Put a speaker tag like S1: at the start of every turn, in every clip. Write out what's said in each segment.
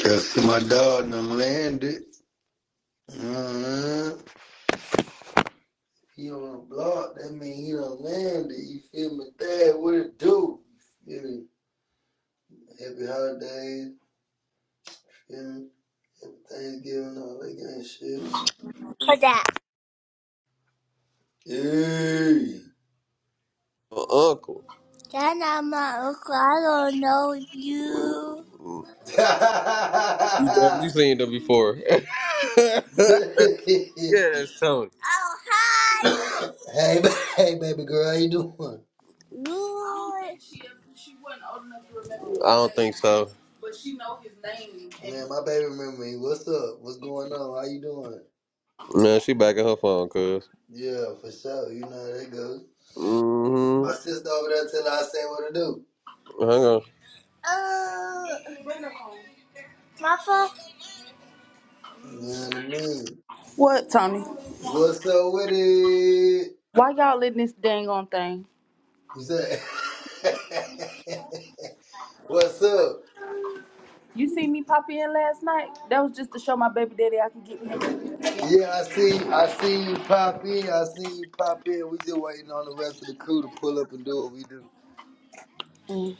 S1: Just see my dog done landed. Uh-huh. He on the block, that mean he done landed. You feel me? Dad, what it do? You feel me? Happy holidays, you feel me? Thanksgiving, all that kind
S2: for that. Your uncle. That's not my uncle. I don't know you. You definitely seen them before. yeah,
S1: of shit. Hey!
S2: that's Tony. Oh, hi.
S1: hey, hey, baby girl, how you doing?
S2: Good. I don't think so.
S1: Man, my baby remember me. What's up? What's going on? How you doing?
S2: No, she back on her phone, cuz.
S1: Yeah, for sure. You know how that goes. My
S2: Mm-hmm.
S1: sister over there tell her I say what to do.
S2: Hang on. Uh, my phone.
S1: You know what I mean?
S2: What, Tony?
S1: What's up with it?
S2: Why y'all letting this dang on thing?
S1: You said, What's up?
S2: You see me pop in last night? That was just to show my baby daddy I could get him in. Yeah.
S1: Yeah, I see, I see you pop in. I see you pop in. We just waiting on the rest of the crew to pull up and do what we do.
S2: Mm.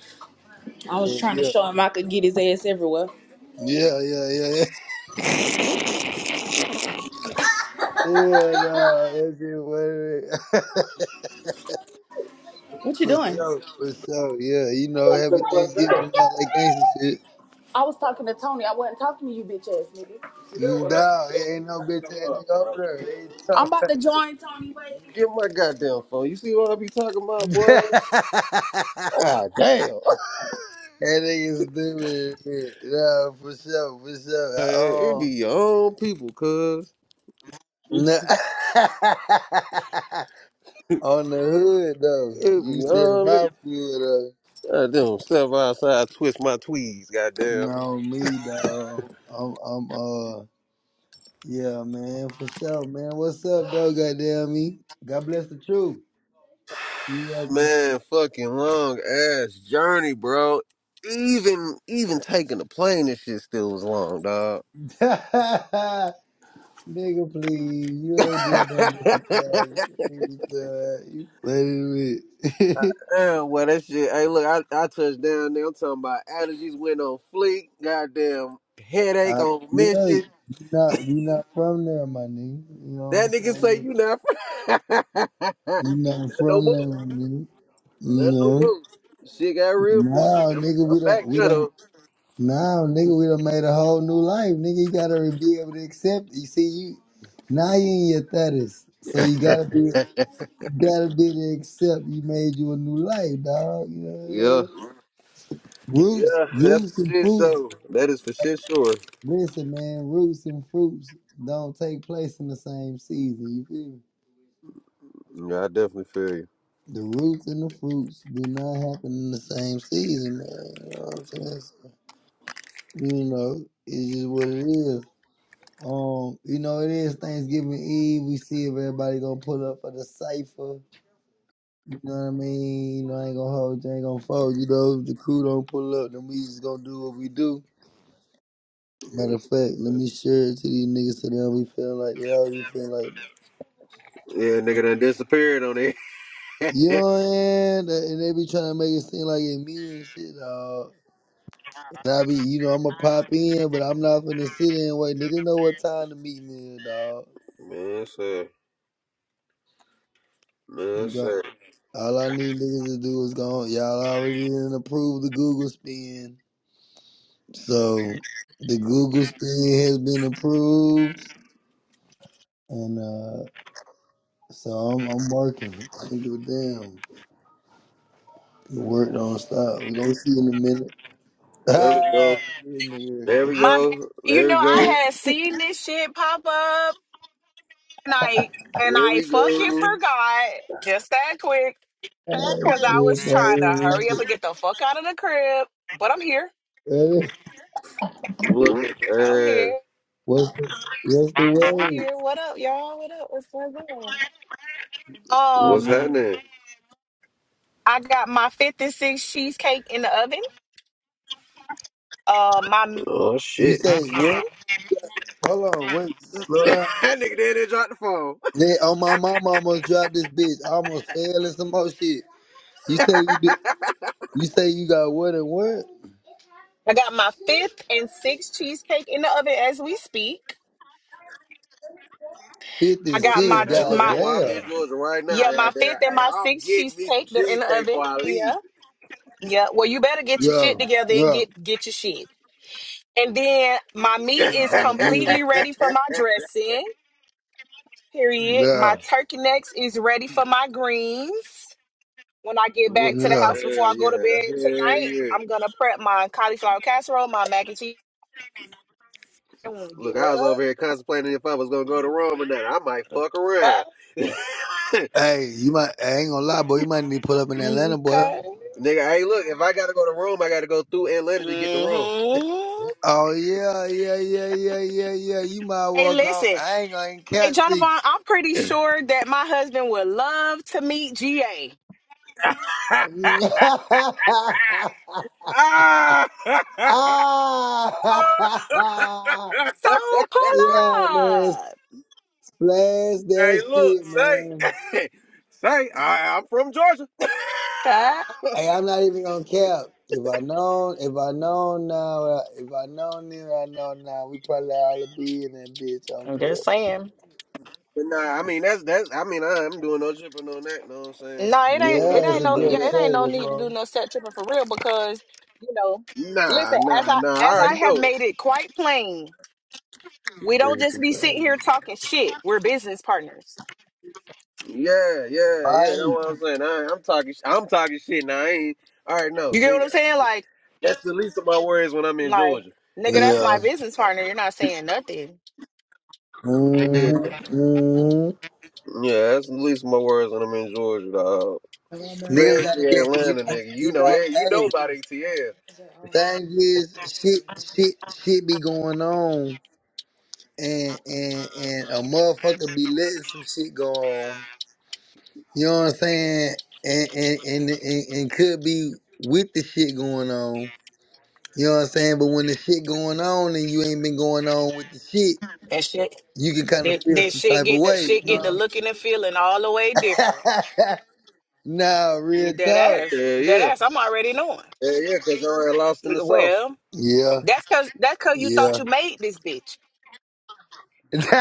S2: I
S1: Yeah,
S2: was trying to
S1: yeah,
S2: show him I could get his ass everywhere.
S1: yeah, yeah, yeah. Yeah, Yeah, nah, that's it, what it is.
S2: What you
S1: For
S2: doing?
S1: sure, for sure. Yeah, you know, happy Thanksgiving and all that gangster shit.
S2: I was talking to Tony. I wasn't talking to you, bitch ass nigga.
S1: No, it ain't no bitch ass nigga
S2: I'm
S1: over
S2: about
S1: there.
S2: to join Tony. Wait. Get my goddamn phone. You see what I be talking about,
S1: It
S2: boy?
S1: ain't tough.
S2: God damn.
S1: That nigga stupid as shit. No, for sure, for sure.
S2: Man, it be your own people, cuz.
S1: I, um, no. On the hood though,
S2: It be
S1: you said
S2: your own.
S1: about food though.
S2: Goddamn, step outside, twist my tweeds, goddamn.
S1: No, me though. I'm, I'm, uh, yeah, man, for sure, man. What's up though? Goddamn me. God bless the truth. You welcome,
S2: Man, fucking long ass journey, bro. Even even taking the plane, this shit still was long, dog.
S1: nigga. Please, you ain't did nothing but some time. You funny with.
S2: Damn, well that shit. Hey, look, I, I touched down there. I'm talking about allergies went on fleek. Goddamn headache
S1: I,
S2: on
S1: you really,
S2: mission.
S1: you not, you not from there, my nigga. You know
S2: That
S1: what I'm
S2: nigga say
S1: saying?
S2: you not. that
S1: You not
S2: no
S1: from there,
S2: move.
S1: my nigga.
S2: That no
S1: No.
S2: move. Shit got real for a
S1: Now,
S2: nigga. I'm,
S1: nigga,
S2: I'm
S1: we
S2: back
S1: don't, we
S2: now
S1: don't.
S2: though.
S1: Now, nigga, we done made a whole new life, nigga. You gotta be able to accept. You see, you now you in your thirties, so you gotta be, you gotta be to accept. You made you a new life, dog. You know what I'm
S2: yeah,
S1: saying? Roots,
S2: yeah, that's
S1: roots
S2: for
S1: and
S2: shit.
S1: fruits.
S2: So that is for shit sure.
S1: Listen, man, roots and fruits don't take place in the same season. You feel me?
S2: Yeah, I definitely feel you.
S1: The roots and the fruits do not happen in the same season, man. You know what I'm saying? So, you know, it's just what it is. Um, you know, it is Thanksgiving Eve. We see if everybody gonna pull up for the cipher. You know what I mean? You know, I ain't gonna hold you, I ain't gonna fold. You know, if the crew don't pull up, then we just gonna do what we do. Matter of fact, let me share it to these niggas so they we feel like they already feel like
S2: Yeah, nigga done disappeared on it.
S1: you know what I'm And they be trying to make it seem like it's me and shit, dawg. And I be, you know, I'ma pop in, but I'm not finna sit in and wait. Niggas know what time the meeting is, dog.
S2: Man, sir. Man,
S1: You got
S2: sir.
S1: all I need niggas to do is go. Y'all already didn't approve the Google spin, so the Google spin has been approved, and uh so I'm I'm working. I don't give a damn. The work don't stop. We gonna see in a minute.
S2: There we go.
S1: Ah, yeah,
S2: There we
S1: nigga.
S3: My, bad.
S2: go.
S3: you
S2: There
S3: know,
S2: we go.
S3: I had seen this shit pop up, and I and
S2: There
S3: I
S2: we
S3: fucking
S2: go.
S3: forgot just that quick because I
S1: Yeah,
S3: was trying to hurry up
S1: probably.
S3: and get the fuck out of the crib. But I'm here.
S1: Ready?
S2: Look at
S3: I'm
S2: that.
S3: here.
S1: What's the, what's the
S3: I'm
S1: word?
S3: here. What up, y'all? What up? What's going on?
S2: What's
S1: You,
S3: Um,
S2: happening?
S3: I got my fifth and sixth cheesecake in the oven. Uh, my
S2: Oh,
S1: you
S2: shit.
S1: say what?
S3: medicine.
S1: Hold on, wait, slow
S2: that
S1: down.
S2: nigga did not drop the phone.
S1: Then on my mama almost dropped this bitch. I almost fell in some more shit. You say you do you say you got what and what?
S3: I got my fifth and sixth cheesecake in the oven as we speak. I
S1: Fifty
S2: Look
S3: got
S2: at
S1: six,
S3: my
S2: that. Hey, look,
S3: my
S2: that's why I'm
S1: goddamn.
S2: in Georgia right now.
S3: Yeah, my
S2: Out
S3: fifth
S2: there.
S3: and
S2: Hey,
S3: my
S2: I'm
S3: sixth
S2: getting me some
S3: cheesecake, they're in the
S2: cheesecake
S3: oven.
S2: before I
S3: Yeah.
S2: leave.
S3: Yeah. Well, you better get your
S1: Yeah,
S3: shit together and
S1: yeah.
S3: get get your shit. And then my meat
S1: I
S3: is
S1: mean,
S3: completely ready for my dressing. Period. My
S1: yeah,
S3: turkey necks is ready for my greens. When I get back to
S2: Looking,
S3: the
S1: yeah.
S3: house before
S2: hell
S3: I
S2: yeah,
S3: go to bed
S2: hell
S3: tonight,
S2: yeah.
S3: I'm gonna prep my cauliflower casserole, my mac and cheese when we
S2: Look,
S3: get
S2: I was over here contemplating if I was gonna go to Rome or not. I might fuck around.
S3: up.
S1: Hey, you might I ain't gonna lie, boy, you might need to pull up in Atlanta, boy.
S3: Okay.
S2: Nigga, hey, look, if I gotta go to Rome, I gotta go through Atlanta to get to Rome.
S3: Mm-hmm.
S1: Oh yeah, yeah, yeah, yeah, yeah, yeah. You might
S3: Hey,
S1: walk on
S3: listen.
S1: I ain't gonna even
S3: Hey,
S1: catch
S3: Jonathan,
S1: you.
S3: I'm pretty sure that my husband would love to meet GA.
S2: Ah! hey,
S1: ah!
S3: So pull
S1: Yeah, man.
S3: up.
S1: Splash that
S2: look,
S1: shit,
S2: say,
S1: man.
S2: say, I, I'm from Georgia.
S3: Okay?
S1: Hey, I'm not even gonna cap. If I known, if I known now, uh, if I known then, I know now. We probably all be in that bitch on
S3: I'm
S1: crib.
S3: just saying.
S2: But nah, I mean that's that's I mean I, I'm doing no tripping on that. Know what I'm saying?
S3: No, it
S2: I'm
S3: ain't.
S2: doing no
S3: It
S1: Yeah, it's
S3: ain't
S1: a
S2: tripping
S3: no.
S2: on
S1: good
S3: Yeah, it
S2: that.
S3: ain't
S1: trade.
S3: no
S1: What's
S3: need to do
S1: wrong?
S3: no set tripping for real because you know.
S2: Nah,
S3: Listen, as
S2: nah,
S3: I
S2: nah. I
S3: as I
S2: already
S1: Huh?
S2: know
S3: have
S2: it.
S3: made it quite plain, we don't
S1: Over
S3: just
S1: too
S3: be sitting here
S1: fast.
S3: talking shit. We're business partners.
S2: Yeah, yeah, yeah. That's
S1: Right.
S2: what I'm saying. I, I'm talking. sh- I'm talking shit now. I ain't. All right, no,
S3: You get
S2: nigga.
S3: what I'm saying? Like,
S2: That's the least of my worries when I'm in
S3: like
S2: Georgia.
S3: nigga, that's my
S1: Yeah.
S3: business partner. You're not saying nothing.
S2: Yeah,
S1: Mm-hmm. Mm-hmm.
S2: yeah. That's the least of my worries when I'm in Georgia, dog.
S1: Niggas gotta
S2: Especially
S1: get you
S2: Atlanta,
S1: know
S2: nigga. You
S1: you
S2: know,
S1: know.
S2: eh, you know
S1: Hey,
S2: about ATL.
S1: thing is, shit, shit, shit be going on. and and and a motherfucker be letting some shit go on. You know what I'm saying? And and and and, and could be with the shit going on. You know what I'm saying? But when the shit going on and you ain't been going on with the shit,
S3: That shit.
S1: you can kind of
S3: That,
S1: feel
S3: that
S1: some
S3: shit
S1: type of
S3: get the
S1: way. You
S3: shit
S1: know
S3: get
S1: what
S3: the looking and feeling all the way
S1: I'm
S3: different.
S1: saying? nah, real
S3: Dead
S1: talk.
S2: Yeah,
S3: ass. Dead
S2: yeah,
S3: ass. I'm already knowing.
S2: yeah, yeah. Cause I already lost in the sauce.
S3: Well,
S1: Yeah,
S3: that's cause that's cause you thought
S1: yeah.
S3: you made this bitch.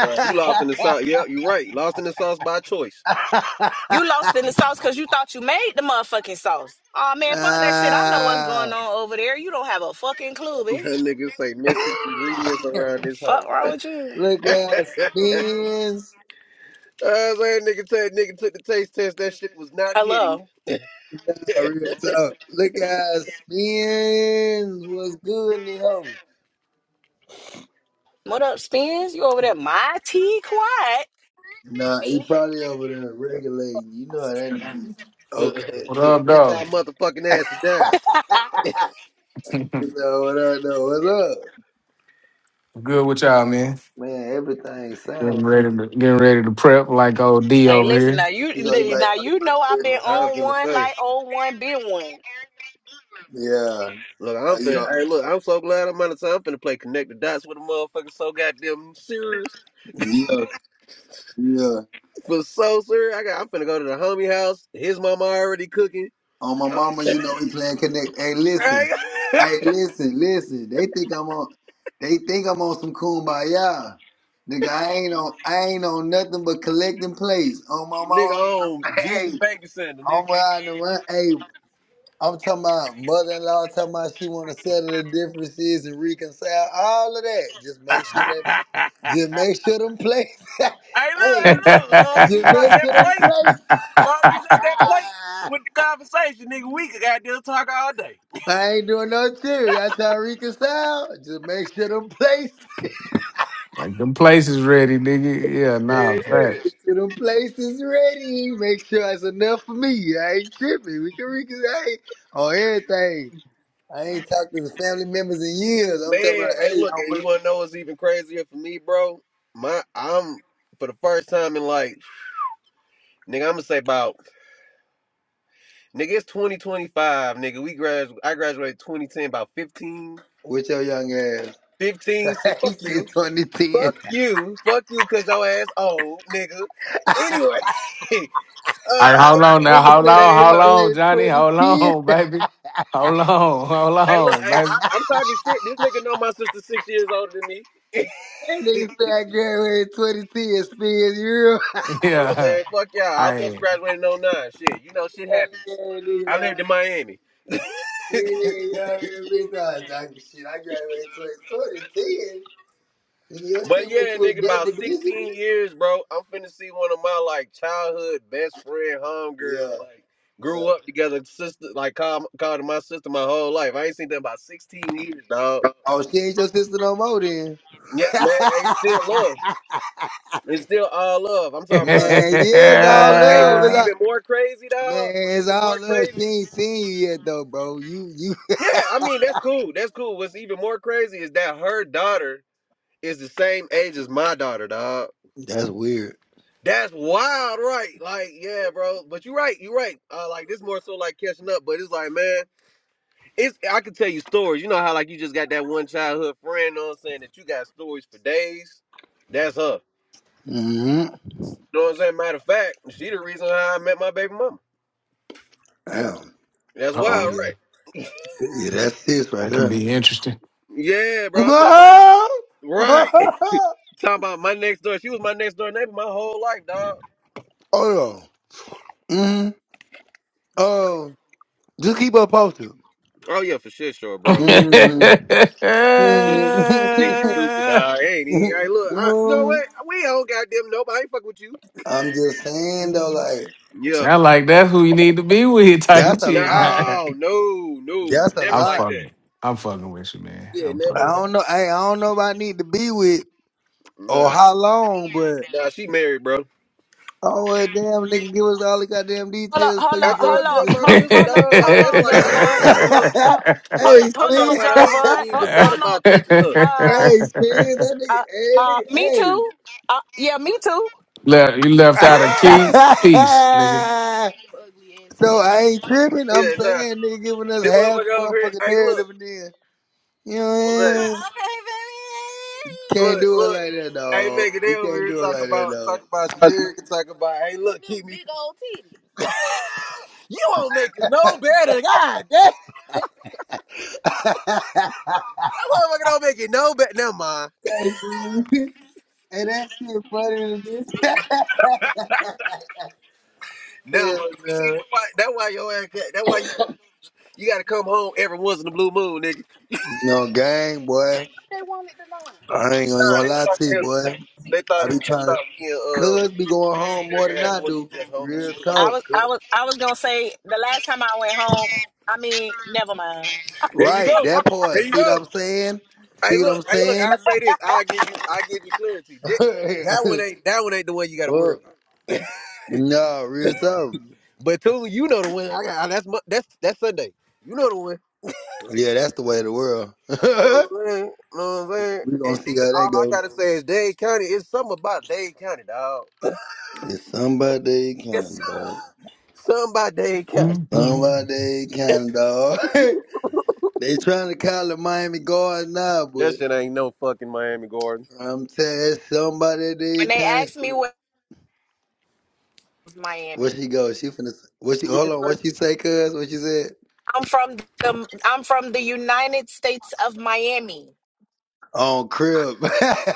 S2: Right. You lost in the sauce. Yep, you right. Lost in the sauce by choice.
S3: You lost in the sauce cause you thought you made the motherfucking sauce. Oh man, fuck that shit. I know what's going
S1: ah,
S3: on over there. You don't have a fucking clue,
S2: That
S3: bitch.
S2: nigga say missing ingredients around this
S3: Fuck
S2: hoe.
S3: wrong with you.
S1: look
S2: I
S1: at us, spins.
S2: was saying, nigga, said nigga took the taste test. That shit was not hitting.
S3: Hello.
S1: Real talk. Look at spin. What's good in the home?
S3: What up, Spins? You over there? My tea quiet.
S1: Nah, he probably over there regulating. You know how that nigga. is. Okay.
S4: What up,
S2: Sit y'all
S4: dog?
S2: motherfucking asses down.
S1: You know what up? Know what's up?
S4: Good with y'all, man.
S1: Man, everything sound
S4: Getting
S1: like.
S4: ready to getting ready to prep like old D
S3: Hey,
S4: over
S3: listen now.
S4: here.
S3: You
S1: You go, you
S3: li-
S1: might,
S3: now
S1: oh, you
S3: you
S1: might
S3: know
S1: get
S3: I've
S1: it.
S3: been
S2: Look, I'm
S3: on
S2: finna
S3: one
S2: say.
S3: like on one, been one.
S2: Look, I'm
S1: Yeah.
S2: finna.
S1: Oh,
S2: Hey, look, I'm so glad I'm out of time. I'm finna play connect the dots with a motherfucker so goddamn serious.
S1: yeah. Yeah. Yeah.
S2: For so serious, I got. I'm finna go to the homie house. His mama already cooking.
S1: On my
S2: Uh,
S1: mama, you know we playing connect. Hey,
S2: hey,
S1: listen. Hey, listen, listen. They think I'm on. They think I'm on some kumbaya. Nigga, I ain't on. I ain't on nothing but collecting plates. On my
S2: nigga,
S1: mama, I'm,
S2: on
S1: I'm- hey,
S2: Jesus baby sandal, nigga.
S1: I'm riding around. Hey, I'm talking about mother-in-law. Talking about she want to settle the differences and reconcile all of that. Just
S2: hey,
S1: make sure that.
S2: look,
S1: Just make sure them plates.
S2: hey,
S1: hey,
S2: look. As long as
S4: like
S2: you
S1: just
S2: drop
S1: make
S2: that
S1: sure them
S2: plate,
S1: plates.
S2: as long as you drop that plate with the conversation, nigga, we could goddamn talk all day.
S1: I ain't doing no theory. That's how I reconcile. Just make sure them places,
S4: them places ready, nigga. Yeah,
S2: Yeah,
S4: nah,
S2: yeah.
S1: make
S4: facts.
S1: sure them places ready. Make sure it's enough for me. I ain't tripping. We can reconcile on everything. I ain't talked to the family members in years.
S2: Man,
S1: I'm talking about,
S2: hey,
S1: hey, I
S2: look, and you
S1: want
S2: wanna know what's even crazier for me, bro? My, I'm for the first time in like, nigga, I'm gonna say about, nigga, it's 2025, nigga. We graduated, I graduated 2010, about 15,
S1: with your young ass.
S2: 15. See,
S1: he
S2: fuck you,
S1: said 2010.
S2: fuck you, fuck you, cause your ass old, nigga. Anyway, uh,
S4: All right,
S2: I
S4: hold on now,
S1: Nigga
S4: hold
S1: say I
S4: on,
S2: man,
S4: hold
S2: about,
S4: on,
S1: graduated
S4: Johnny, hold
S1: 2010.
S4: on, baby, hold on, hold
S2: hey, look,
S4: on,
S2: hey, I, I'm talking shit. This nigga know my sister six years older than me.
S1: That nigga said I graduated 2010. Spins Europe.
S4: baby.
S2: Look,
S4: Yeah,
S2: man, fuck y'all. I
S4: All
S2: was supposed to
S4: right.
S2: graduate in oh 09. Shit, you know, shit
S1: Young
S2: happens.
S1: ass nigga.
S2: I
S1: nah.
S2: lived in Miami.
S1: Nigga got in the bitch. I, I, shit, I graduated 2010. Nigga, your shit
S2: But
S1: went
S2: yeah,
S1: to a
S2: nigga, about
S1: double digit,
S2: 16
S1: bitch.
S2: years, bro. I'm finna see one of my like childhood best friend homegirls,
S1: Yeah,
S2: like grew up
S1: yeah.
S2: together, sister, like called, called her my sister my whole life. I ain't seen them about 16 years, dog.
S1: Oh, she ain't your sister no more then.
S2: Yeah, man, hey, it's still love. It's still all love. I'm talking about,
S1: man, yeah,
S2: I'm
S1: it's
S2: talking
S1: all
S2: about, hey,
S1: love.
S2: what's
S1: It's all,
S2: even more crazy, dog?
S1: man,
S2: What's
S1: it's
S2: even
S1: all
S2: more
S1: love. She
S2: crazy?
S1: ain't seen you yet though, bro. You you
S2: Yeah, I mean, that's cool. That's cool. What's even more crazy is that her daughter is the same age as my daughter, dog.
S1: That's weird.
S2: That's wild, right? Like, yeah, bro. But you're right. You're right. Uh, like, this more so like catching up. But it's like, man, it's I can tell you stories. You know how like you just got that one childhood friend. you Know what I'm saying? That you got stories for days. That's her.
S1: hmm
S2: You know what I'm saying? Matter of fact, she the reason how I met my baby mama.
S1: Damn.
S2: That's
S4: uh
S1: Oh
S4: oh,
S2: wild,
S1: yeah.
S2: right?
S1: Yeah, that's sis right
S4: that can
S1: there.
S4: be interesting.
S2: Yeah, bro. I'm talking about
S1: oh
S2: right. talking about my next door. She was my next door neighbor my whole life, dog.
S1: yeah. hmm Oh. Just keep us posted.
S2: Oh yeah, for shit, sure, bro.
S1: Mm,
S4: Get
S2: Stupid. Nigga, you
S1: mm,
S2: stupid, dog. Ain't he? hey, look, I, you know
S1: mm.
S2: what? We don't goddamn nope. I ain't fuck with you.
S1: I'm just saying though, like
S2: Yeah.
S4: Sound like that's who you need to be with type
S1: That's a
S4: shit.
S1: lot.
S4: Nah.
S2: No, no, no.
S1: That's a
S2: Never
S4: I'm
S1: lot.
S2: like that.
S4: fucking. I'm fucking with you, man.
S2: Yeah,
S4: I'm
S2: never
S1: I
S4: fucking with
S2: like
S4: you.
S1: don't know. Hey, I don't know if I need to be with
S2: that.
S1: or how
S2: Nah.
S1: long, but
S2: Nah, she married, bro.
S1: oh well, damn nigga, give us all the goddamn
S3: Hold on,
S1: details before
S3: hold
S1: you
S2: I
S3: on,
S1: get us
S3: hold
S2: told
S1: to
S3: on,
S2: you
S1: just.
S2: my
S3: hold
S2: sister,
S3: hold on,
S2: dog. Like,
S3: hold
S2: that's
S3: on,
S2: like the
S3: Jonathan.
S2: homie, bro.
S3: Hold, hold on,
S2: Like,
S1: hey,
S2: I'm
S3: hold
S2: talking
S1: Spin.
S3: on,
S2: about
S3: John
S2: I ain't never
S3: Devon. Hold,
S2: even thought
S3: hold on.
S2: about touching her.
S3: Uh,
S1: hey, Spin. That nigga.
S3: uh, uh, me
S1: Hey,
S3: too. Uh, yeah, me too.
S4: Left, you left
S1: nigga.
S4: out a key piece, nigga.
S1: Hey.
S2: Ugly ass
S1: So
S2: face.
S1: I ain't tripping. I'm
S2: Yeah, nah.
S1: saying they giving us
S2: Them
S1: half the
S2: motherfucker over here.
S1: motherfucking
S2: Hey, look.
S1: narrative and then, you know what
S2: Look,
S1: I mean? Can't
S2: look,
S1: do it
S2: look.
S1: like that,
S2: Hey,
S1: dog.
S2: nigga, they
S1: You
S2: over
S1: can't
S2: here
S1: do it
S2: Talk
S1: like
S2: about
S1: that,
S2: talk about Shadiri and talk about. Hey, look, keep me. Big old titty. You won't make it no better, God. Damn, that
S1: dog.
S2: motherfucker don't make it no better. Never mind.
S1: hey, fool. Hey, that shit funny to bitch.
S2: Never
S1: Hell,
S2: mind. You see,
S1: no.
S2: that's why that's why your ass. got- That's why you you got to come home every once in the blue moon, nigga.
S1: You know, gang, boy.
S2: They wanted to know.
S1: I ain't gonna,
S2: Nah,
S1: gonna
S2: they
S1: lie
S2: thought
S1: to you,
S2: they was.
S1: boy.
S2: They thought
S1: I
S2: it
S1: be
S2: was. They
S1: trying
S2: thought
S1: to,
S2: me
S1: cuz
S2: and
S1: be going
S2: uh,
S1: home more than
S2: Shadiri had
S1: I
S2: one
S1: do.
S2: just homie
S1: Real
S2: homies.
S3: I was,
S1: talk,
S3: I
S1: cuz.
S3: was, I was gonna say the last time I went home. I mean, never mind.
S2: There you
S1: Right,
S2: go.
S1: that
S2: There
S1: part.
S2: you
S1: See what
S2: go.
S1: I'm saying?
S2: Hey,
S1: See what
S2: look,
S1: I'm
S2: hey, look. I
S1: saying?
S2: say this. I give you, I give you clarity. That, that one ain't, that one ain't the one you got to worry
S1: Fuck.
S2: about.
S1: No, real talk.
S2: But Tula, you know the one. I got that's my, that's that's Sunday. You know the one.
S1: Yeah, that's the way of the world. we gonna
S2: You know what I'm saying? You know what I'm saying? And
S1: see
S2: then
S1: how that
S2: all I
S1: go.
S2: gotta say is Dade County. It's something about Dade County, dog.
S1: It's somebody
S2: It's
S1: kind of dog.
S2: something about Dade County.
S4: Mhm.
S1: Somebody kind of dog. they trying to call the Miami guard now,
S2: That
S1: but
S2: shit ain't no fucking Miami Gardens.
S1: I'm telling you, somebody they
S3: When they
S1: kind of
S3: asked me
S1: shit.
S3: where was
S1: Where
S3: Miami,
S1: she go? She finna. What she?
S2: What you
S1: Hold on.
S2: say?
S1: What she say? Cuz what she said?
S3: I'm from the, I'm from the United States of Miami.
S1: On crib.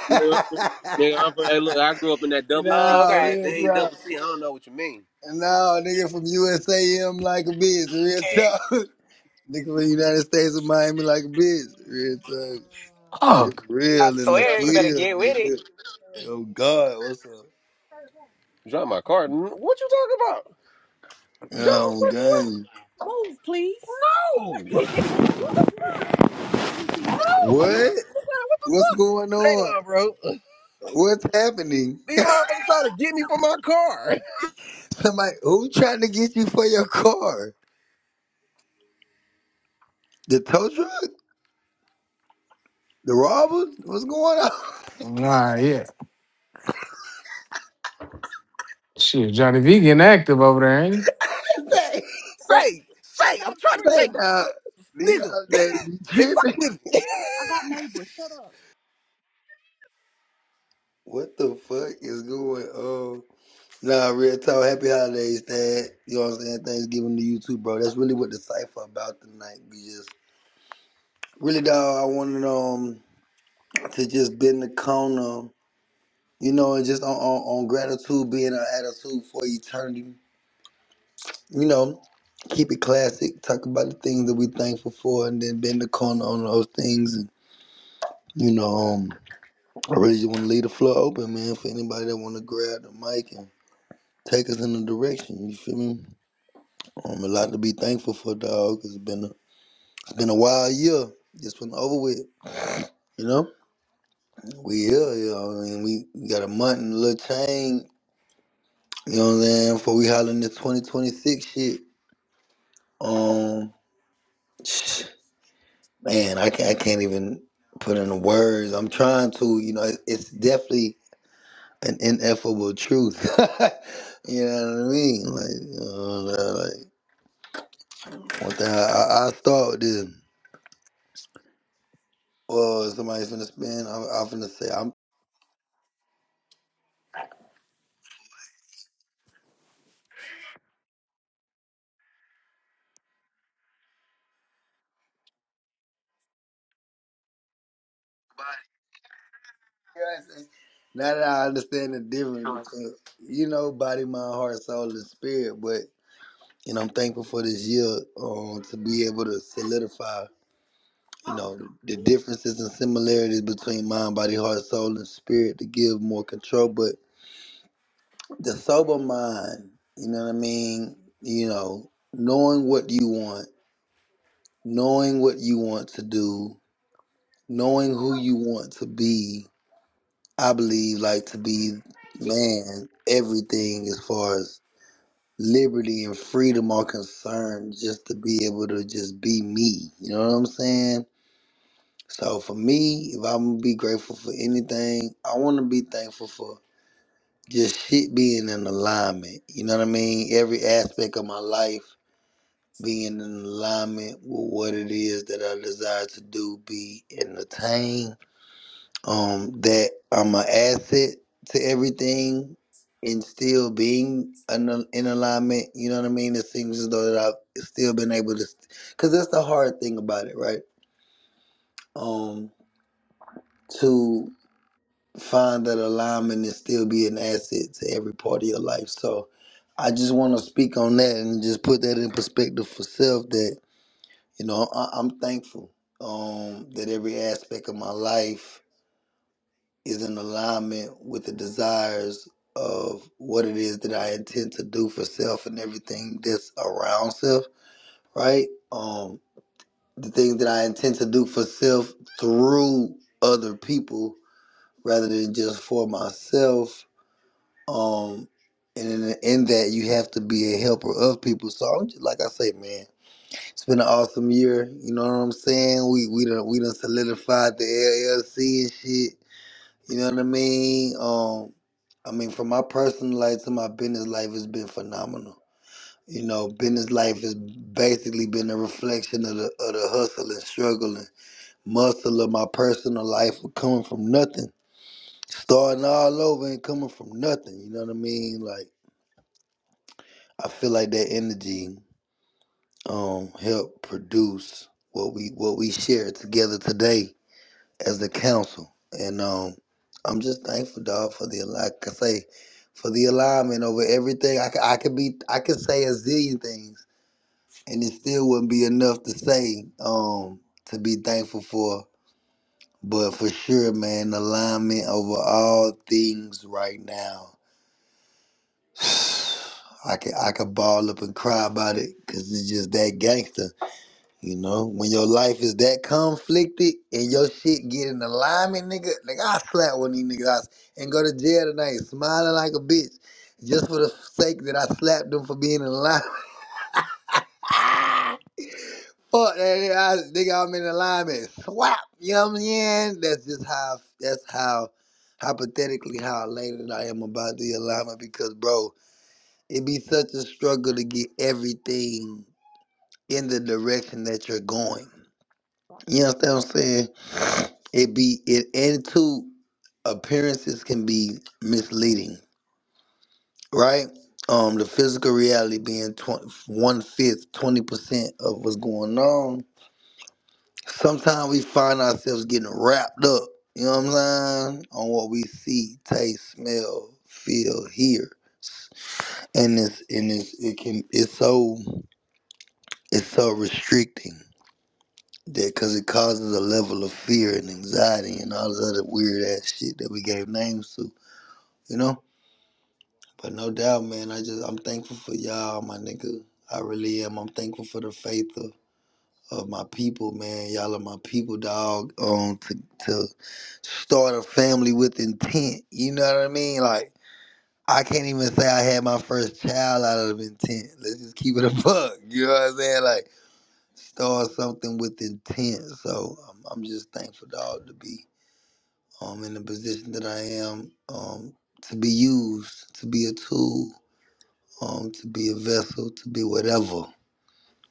S2: Yeah, I'm from- nigga. I'm from. Hey, look, I grew up in that double C.
S3: Oh,
S1: no,
S2: Nigga, if
S3: okay.
S1: real
S2: they ain't
S1: talk.
S2: double C, I don't know what you mean.
S1: No, nigga from USAM like a bitch. Real
S3: Okay.
S1: talk. Nigga from the United States of Miami like a bitch. Real talk. It's
S4: Fuck.
S3: I
S1: real in the
S3: swear, you better
S1: field,
S3: get with it.
S1: nigga. Oh God, what's up?
S2: Drive my car. What you talking about? Drive my
S1: Oh
S2: fucking what?
S1: gang.
S2: Move, please. No!
S1: What?
S2: Hang
S1: What's going on?
S2: on, bro.
S1: What's happening?
S2: These motherfuckers trying to get me from my car.
S1: Somebody who trying to get you for your car? The tow truck? The robbers? What's going on? What's going
S4: Nah, yeah. Shit, Johnny V getting active over there, ain't he?
S1: on? Say, that-
S2: Say, say, I'm Stop trying to
S1: say,
S2: take,
S1: dog. These
S2: screaming. nigga.
S1: holidays be
S2: They they fucking
S1: tripping.
S2: with me. I got neighbors. Shut up.
S1: What the fuck is going on? Nah, real talk. Happy holidays, Dad. You know what I'm saying? Thanksgiving to you too, bro. That's really what the cipher about tonight. We just really, dog. I wanted um to just bend the corner, you know, and just on, on, on gratitude being our attitude for eternity. You know, keep it classic. Talk about the things that we thankful for, and then bend the corner on those things. And you know, um, I really just want to leave the floor open, man, for anybody that want to grab the mic and take us in a direction. You feel me? Um, a lot to be thankful for, dog. It's been a, it's been a wild year. Just went over with. You know, we here. You know, I mean, we we got a month and a little change. You know what I'm saying? Before we hollering this 2026 shit. Um, man, I can't, I can't even put in the words. I'm trying to. You know, it- it's definitely an ineffable truth. you know what I mean? Like, uh, like one thing I, I, I start with this. Well, somebody's finna spin. I'm, I'm finna say I'm now that I understand the difference between you know body, mind, heart, soul, and spirit, but you know I'm thankful for this year um, to be able to solidify you know the, the differences and similarities between mind, body, heart, soul, and spirit to give more control. But the sober mind, you know what I mean? You know, knowing what you want, knowing what you want to do, knowing who you want to be I believe like to be man, everything as far as liberty and freedom are concerned, just to be able to just be me. You know what I'm saying? So for me, if I'm gonna be grateful for anything, I wanna be thankful for just shit being in alignment. You know what I mean? Every aspect of my life being in alignment with what it is that I desire to do, be and attain um, that I'm an asset to everything and still being in, in alignment. You know what I mean? It seems as though that I've still been able to, because that's the hard thing about it, right? Um, to find that alignment and still be an asset to every part of your life. So I just want to speak on that and just put that in perspective for self that, you know, I, I'm thankful um, that every aspect of my life is in alignment with the desires of what it is that I intend to do for self and everything that's around self, right? Um, the things that I intend to do for self through other people rather than just for myself. Um, and in, in that, you have to be a helper of people. So I'm just like I say, man, it's been an awesome year. You know what I'm saying? We we done we done solidified the LLC and shit you know what I mean? Um, I mean, from my personal life to my business life, it's been phenomenal. You know, business life has basically been a reflection of the of the hustle and struggle and muscle of my personal life of coming from nothing, starting all over and coming from nothing. You know what I mean? Like I feel like that energy um helped produce what we what we share together today as the council. And um, I'm just thankful, dog, for the like I say, for the alignment over everything. I, c- I could be I could say a zillion things, and it still wouldn't be enough to say um to be thankful for. But for sure, man, alignment over all things right now. I could I could ball up and cry about it because it's just that gangster. You know, when your life is that conflicted and your shit get in alignment, nigga, Like I slap one of these niggas out and go to jail tonight, smiling like a bitch, just for the sake that I slapped them for being in alignment. Fuck that, nigga, I, nigga, I'm in alignment. Swap, you know what I'm saying? That's just how. That's how hypothetically how elated I am about the alignment because, bro, it be such a struggle to get everything in the direction that you're going. You understand what I'm saying? It be it attitude appearances can be misleading, right? Um, the physical reality being twenty one fifth, twenty percent of what's going on. Sometimes we find ourselves getting wrapped up. You know what I'm saying? On what we see, taste, smell, feel, hear, and it's and it's it can it's so it's so restricting. Yeah, because it causes a level of fear and anxiety and all this other weird ass shit that we gave names to, you know. But no doubt, man, I just I'm thankful for y'all, my nigga. I really am. I'm thankful for the faith of, of my people, man. Y'all are my people, dog. Um, to to start a family with intent, you know what I mean? Like I can't even say I had my first child out of intent. Let's just keep it a buck. You know what I'm saying? Like start something with intent. So um, I'm just thankful, dog, to be um, in the position that I am, um, to be used, to be a tool, um, to be a vessel, to be whatever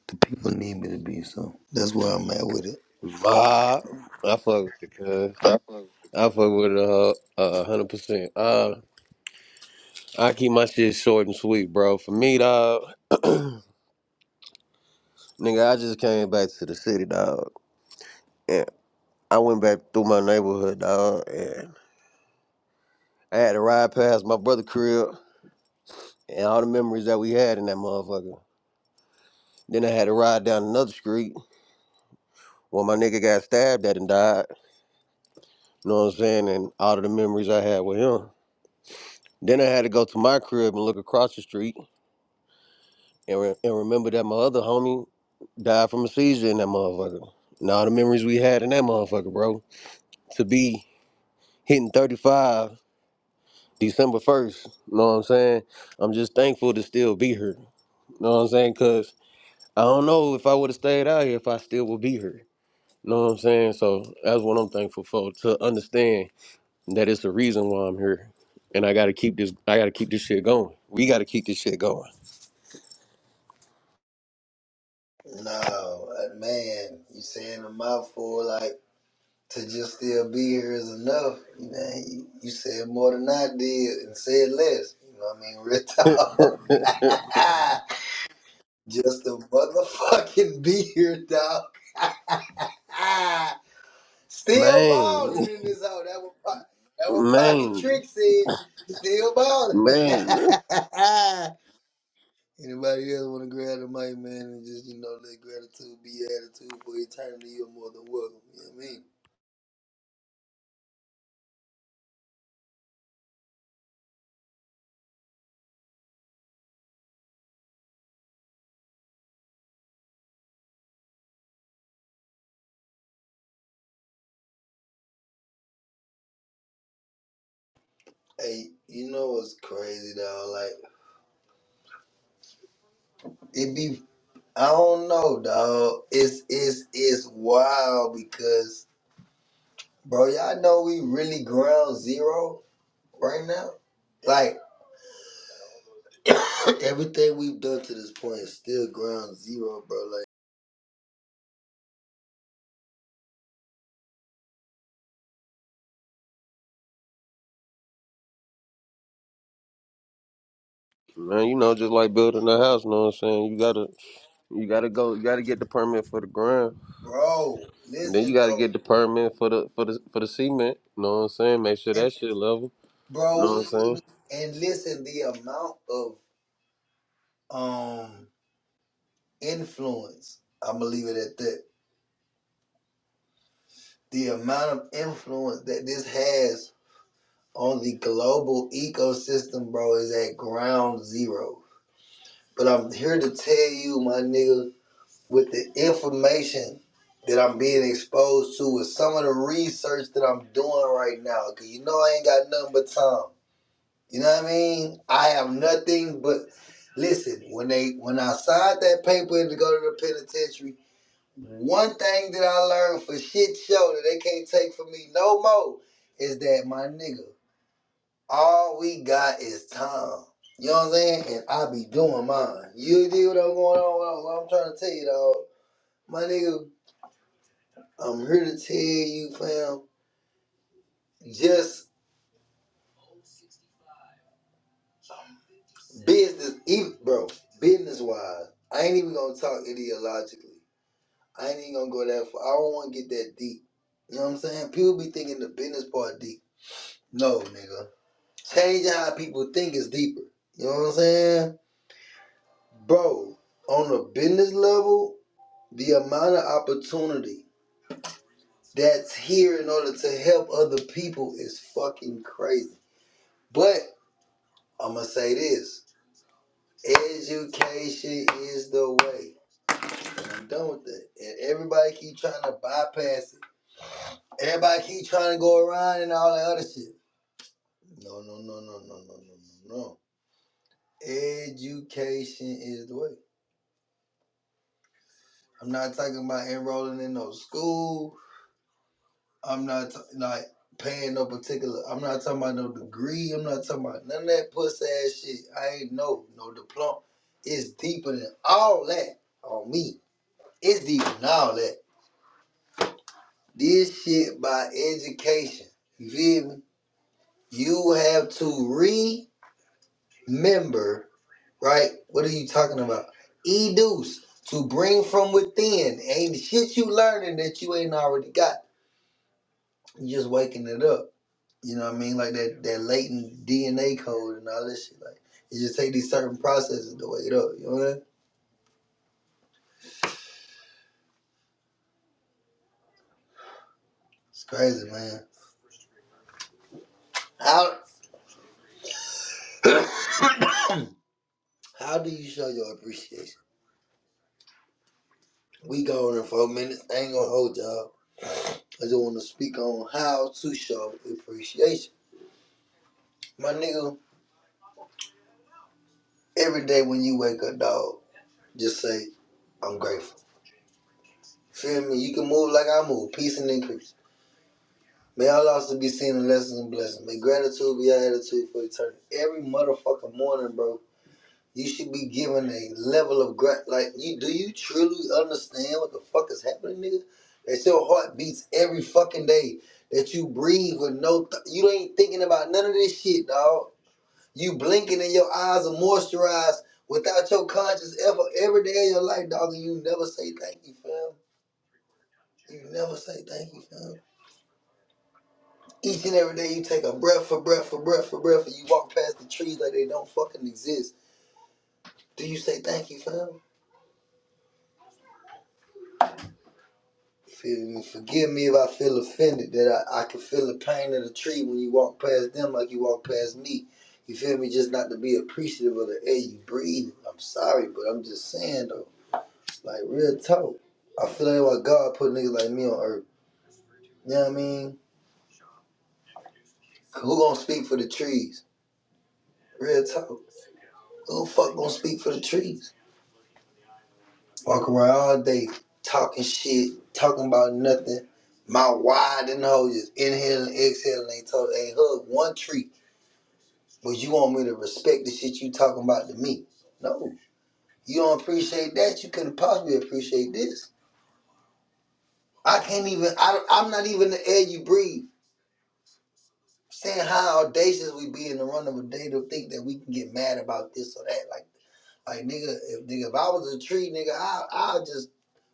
S1: the people need me to be. So that's where I'm at with it.
S2: Ma, I fuck with it, cuz.
S1: I fuck with
S2: I fuck
S1: you,
S2: with it uh, a hundred percent. Uh, I keep my shit short and sweet, bro. For me, dog, nigga, I just came back to the city, dog, and I went back through my neighborhood, dog, and I had to ride past my brother crib. and all the memories that we had in that motherfucker. Then I had to ride down another street where my nigga got stabbed at and died. You know what I'm saying? And all of the memories I had with him. Then I had to go to my crib and look across the street and, re- and remember that my other homie died from a seizure in that motherfucker. And all the memories we had in that motherfucker, bro. To be hitting 35 December 1st, you know what I'm saying? I'm just thankful to still be here. You know what I'm saying? Because I don't know if I would have stayed out here if I still would be here. Know what I'm saying? So that's what I'm thankful for to understand that it's the reason why I'm here, and I gotta keep this. I gotta keep this shit going. We gotta keep this shit going,
S1: man. No, uh, man, you saying a mouthful like to just still be here is enough. Man, you, you said more than I did and said less. You know what I mean? Real talk. Just a motherfucking beer, dog. Still balling
S2: man,
S1: in this hole. That was po- that what Pocket
S2: man,
S1: Trick said. Still balling.
S2: man,
S1: Anybody else want to grab the mic, man, and just you know let gratitude be attitude for eternity. You're more than welcome. You know what I mean? Hey, you know what's crazy, dog? Like it be. I don't know, dog. It's it's it's wild because, bro, y'all know we really ground zero. right now. Like everything we've done to this point is still ground zero, bro. Like,
S2: man. You know, just like building a house. Know what I'm saying? You gotta, you gotta go. You gotta get the permit for the ground.
S1: bro,
S2: Then you
S1: listen
S2: gotta
S1: though,
S2: get the permit for the for the for the cement. Know what I'm saying? Make sure
S1: and,
S2: that shit level.
S1: bro,
S2: Know what
S1: we
S2: I'm
S1: ain't
S2: saying?
S1: even- and listen the amount of um influence. I'm gonna leave it at that. The amount of influence that this has on the global ecosystem, bro, is at ground zero. But I'm here to tell you, my nigga, with the information that I'm being exposed to with some of the research that I'm doing right now. Cause you know I ain't got nothing but time. You know what I mean? I have nothing but listen, when they when I signed that paper to go to the penitentiary, one thing that I learned for shit show that they can't take from me no more is that my nigga, all we got is time. You know what I'm saying? And I be doing mine. You dig what I'm going on? What I'm, what I'm trying to tell you, dog. My nigga, I'm here to tell you, fam, just business, even, bro, business wise, I ain't even gonna talk ideologically. I ain't even gonna go that far. I don't wanna get that deep. You know what I'm saying? People be thinking the business part deep. No, nigga. Changing how people think is deeper. You know what I'm saying? Bro, on a business level, the amount of opportunity that's here in order to help other people is fucking crazy. But I'm gonna say this. Education is the way. I'm done with that. And everybody keep trying to bypass it. Everybody keep trying to go around and all that other shit. No, no, no, no, no, no, no, no, no. Education is the way. I'm not talking about enrolling in no school. I'm not t- like paying no particular. I'm not talking about no degree. I'm not talking about none of that puss ass shit. I ain't no no diploma. It's deeper than all that on me. It's deeper than all that. This shit by education. You feel me? You have to remember, right? What are you talking about? Educe to bring from within. Ain't shit you learning that you ain't already got. You just waking it up. You know what I mean? Like that that latent DNA code and all this shit. Like you just take these certain processes to wake it up. You know what I mean? It's crazy, man. How how do you show your appreciation? We gone in four minutes. I ain't gonna hold y'all. I just want to speak on how to show appreciation. My nigga, every day when you wake up, dog, just say, I'm grateful. Feel me? You can move like I move. Peace and increase. May all losses be seen in lessons and blessings. May gratitude be your attitude for eternity. Every motherfucking morning, bro, you should be given a level of gratitude. Like, you do you truly understand what the fuck is happening, nigga? That your heart beats every fucking day. That you breathe with no, th- you ain't thinking about none of this shit, dog You blinking and your eyes are moisturized without your conscious effort every day of your life, dog, and you never say thank you, fam. You never say thank you, fam. Each and every day you take a breath for breath for breath for breath and you walk past the trees like they don't fucking exist. Do you say thank you, fam? Feel me. Forgive me if I feel offended that I, I can feel the pain of the tree when you walk past them like you walk past me. You feel me? Just not to be appreciative of the air you breathe. I'm sorry, but I'm just saying, though. Like real talk. I feel like why God put niggas like me on earth. You know what I mean? Who gonna speak for the trees? Real talk. Who the fuck gonna speak for the trees? Walk around all day talking shit, talking about nothing. My wide and hoe just inhaling, exhaling, ain't talk, ain't hug one tree. But you want me to respect the shit you talking about to me? No. You don't appreciate that. You couldn't possibly appreciate this. I can't even. I, I'm not even the air you breathe. saying how audacious we be in the run of a day to think that we can get mad about this or that. Like, like nigga, if nigga, if I was a tree, nigga, I I'll just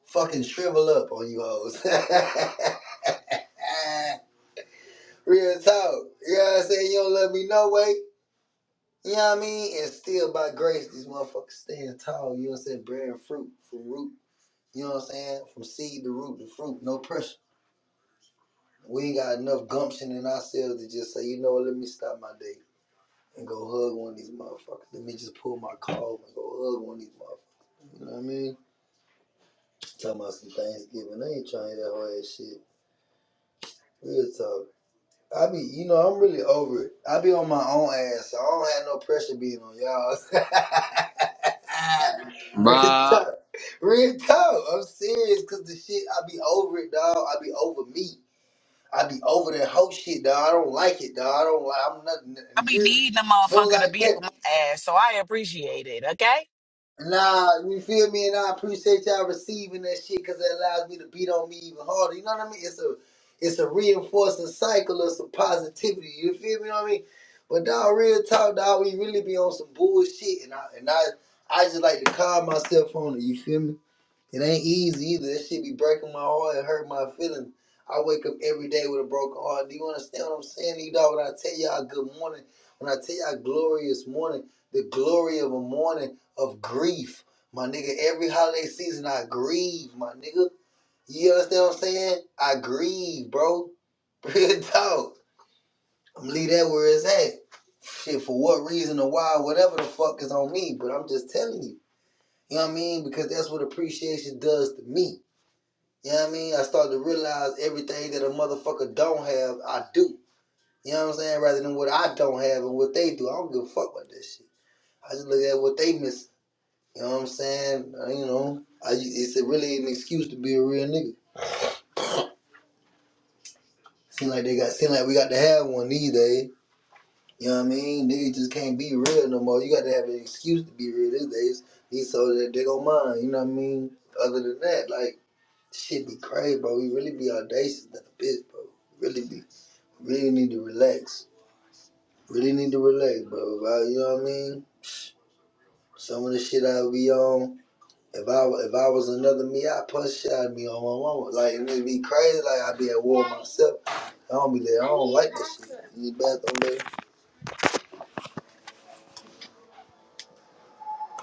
S1: fucking shrivel up on you hoes. Real talk. You know what I'm saying? You don't love me no way. You know what I mean? And still by grace, these motherfuckers stand tall. You know what I'm saying? Bearing fruit from root. You know what I'm saying? From seed to root to fruit, no pressure. We ain't got enough gumption in ourselves to just say, you know what, let me stop my day. and go hug one of these motherfuckers. Let me just pull my car over and go hug one of these motherfuckers. You know what I mean? Talking about some Thanksgiving. I ain't trying to that whole ass shit. Real talk. I be, you know, I'm really over it. I be on my own ass, so I don't have no pressure being on y'all. Real
S2: Nah,
S1: talk. Real talk. I'm serious, cause the shit, I be over it, dog. I be over me. I be over that whole shit, dog. I don't like it, dog. I don't like. I'm
S3: I
S1: nothing. You
S3: be
S1: hear me?
S3: needing a
S1: Soon as
S3: motherfucker
S1: I
S3: to be
S1: catch.
S3: on my ass, so I appreciate it, okay?
S1: Nah, you feel me? And I appreciate y'all receiving that shit because it allows me to beat on me even harder. You know what I mean? It's a it's a reinforcing cycle of some positivity. You feel me? You know what I mean? But dog, real talk, dog, we really be on some bullshit, and I and I I just like to calm myself on it. You feel me? It ain't easy either. This shit be breaking my heart and hurt my feelings. I wake up every day with a broken heart. Do you understand what I'm saying, you dog? When I tell y'all good morning, when I tell y'all glorious morning, the glory of a morning of grief. My nigga, every holiday season I grieve, my nigga. You understand what I'm saying? I grieve, bro. Real talk. I'm leave that where it's at. Shit, for what reason or why, whatever the fuck is on me, but I'm just telling you. You know what I mean? Because that's what appreciation does to me. You know what I mean? I started to realize everything that a motherfucker don't have, I do. You know what I'm saying? Rather than what I don't have and what they do. I don't give a fuck about that shit. I just look at what they miss. You know what I'm saying? Uh, You know, I, it's really an excuse to be a real nigga. Seem like they got, seem like we got to have one these days. You know what I mean? Niggas just can't be real no more. You got to have an excuse to be real these days. These so that they don't mind. You know what I mean? Other than that, like shit be crazy, bro. We really be audacious than a bitch, bro. Really be. Really need to relax. Really need to relax, bro. If I, you know what I mean? Some of the shit I be on. If I if I was another me, I punch shit I'd be on my mama. Like it'd be crazy. Like I'd be at war myself. I don't be there. I don't like this shit. You need bathroom, baby.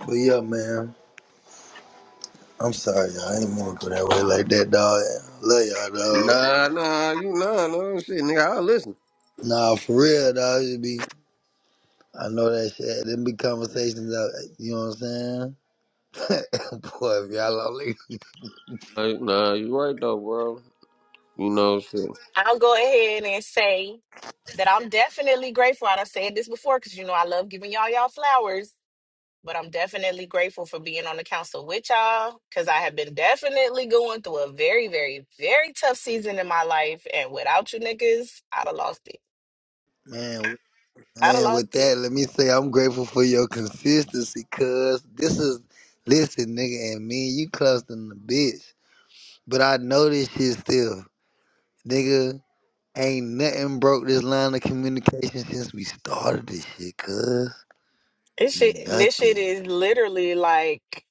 S1: But yeah, man. I'm sorry, y'all. I ain't mean to go that way like that, dog. I Love y'all, dog.
S2: nah, nah. You nah, no shit, nigga. I will listen.
S1: Nah, for real, dog. It be. I know that shit. Them be conversations. Out, you know what I'm saying? Boy, if y'all all niggas-
S2: Like, nah, you right though, bro. You know shit.
S3: I'll go ahead and say that I'm definitely grateful. I done said this before because you know I love giving y'all y'all flowers. but I'm definitely grateful for being on the council with y'all because I have been definitely going through a very, very, very tough season in my life. And without you niggas, I'd have lost it.
S1: man.
S3: I'd have
S1: Man, with
S3: lost it.
S1: that, let me say I'm grateful for your consistency, cuz this is listen, nigga, and me, you clustering the bitch. But I know this shit still. Nigga, ain't nothing broke this line of communication since we started this shit, cuz.
S3: This shit, this shit
S1: Nothing.
S3: is literally like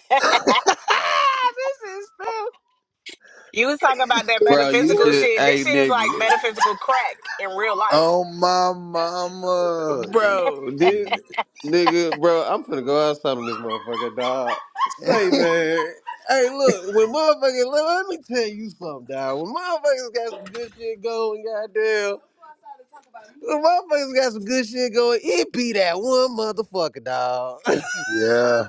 S3: You was talking about that
S2: Bro, you
S3: metaphysical
S2: should
S3: shit. This
S2: hey
S3: shit is
S2: nigga.
S3: like metaphysical crack in real life.
S1: Oh my mama.
S2: Bro, this nigga, bro, I'm finna go outside on this motherfucker, dog. Say man. Hey look, when motherfuckers let, let me tell you something, dog. When motherfuckers got some good shit going, goddamn. When motherfuckers got some good shit going, it be that one motherfucker, dog. you
S1: yeah.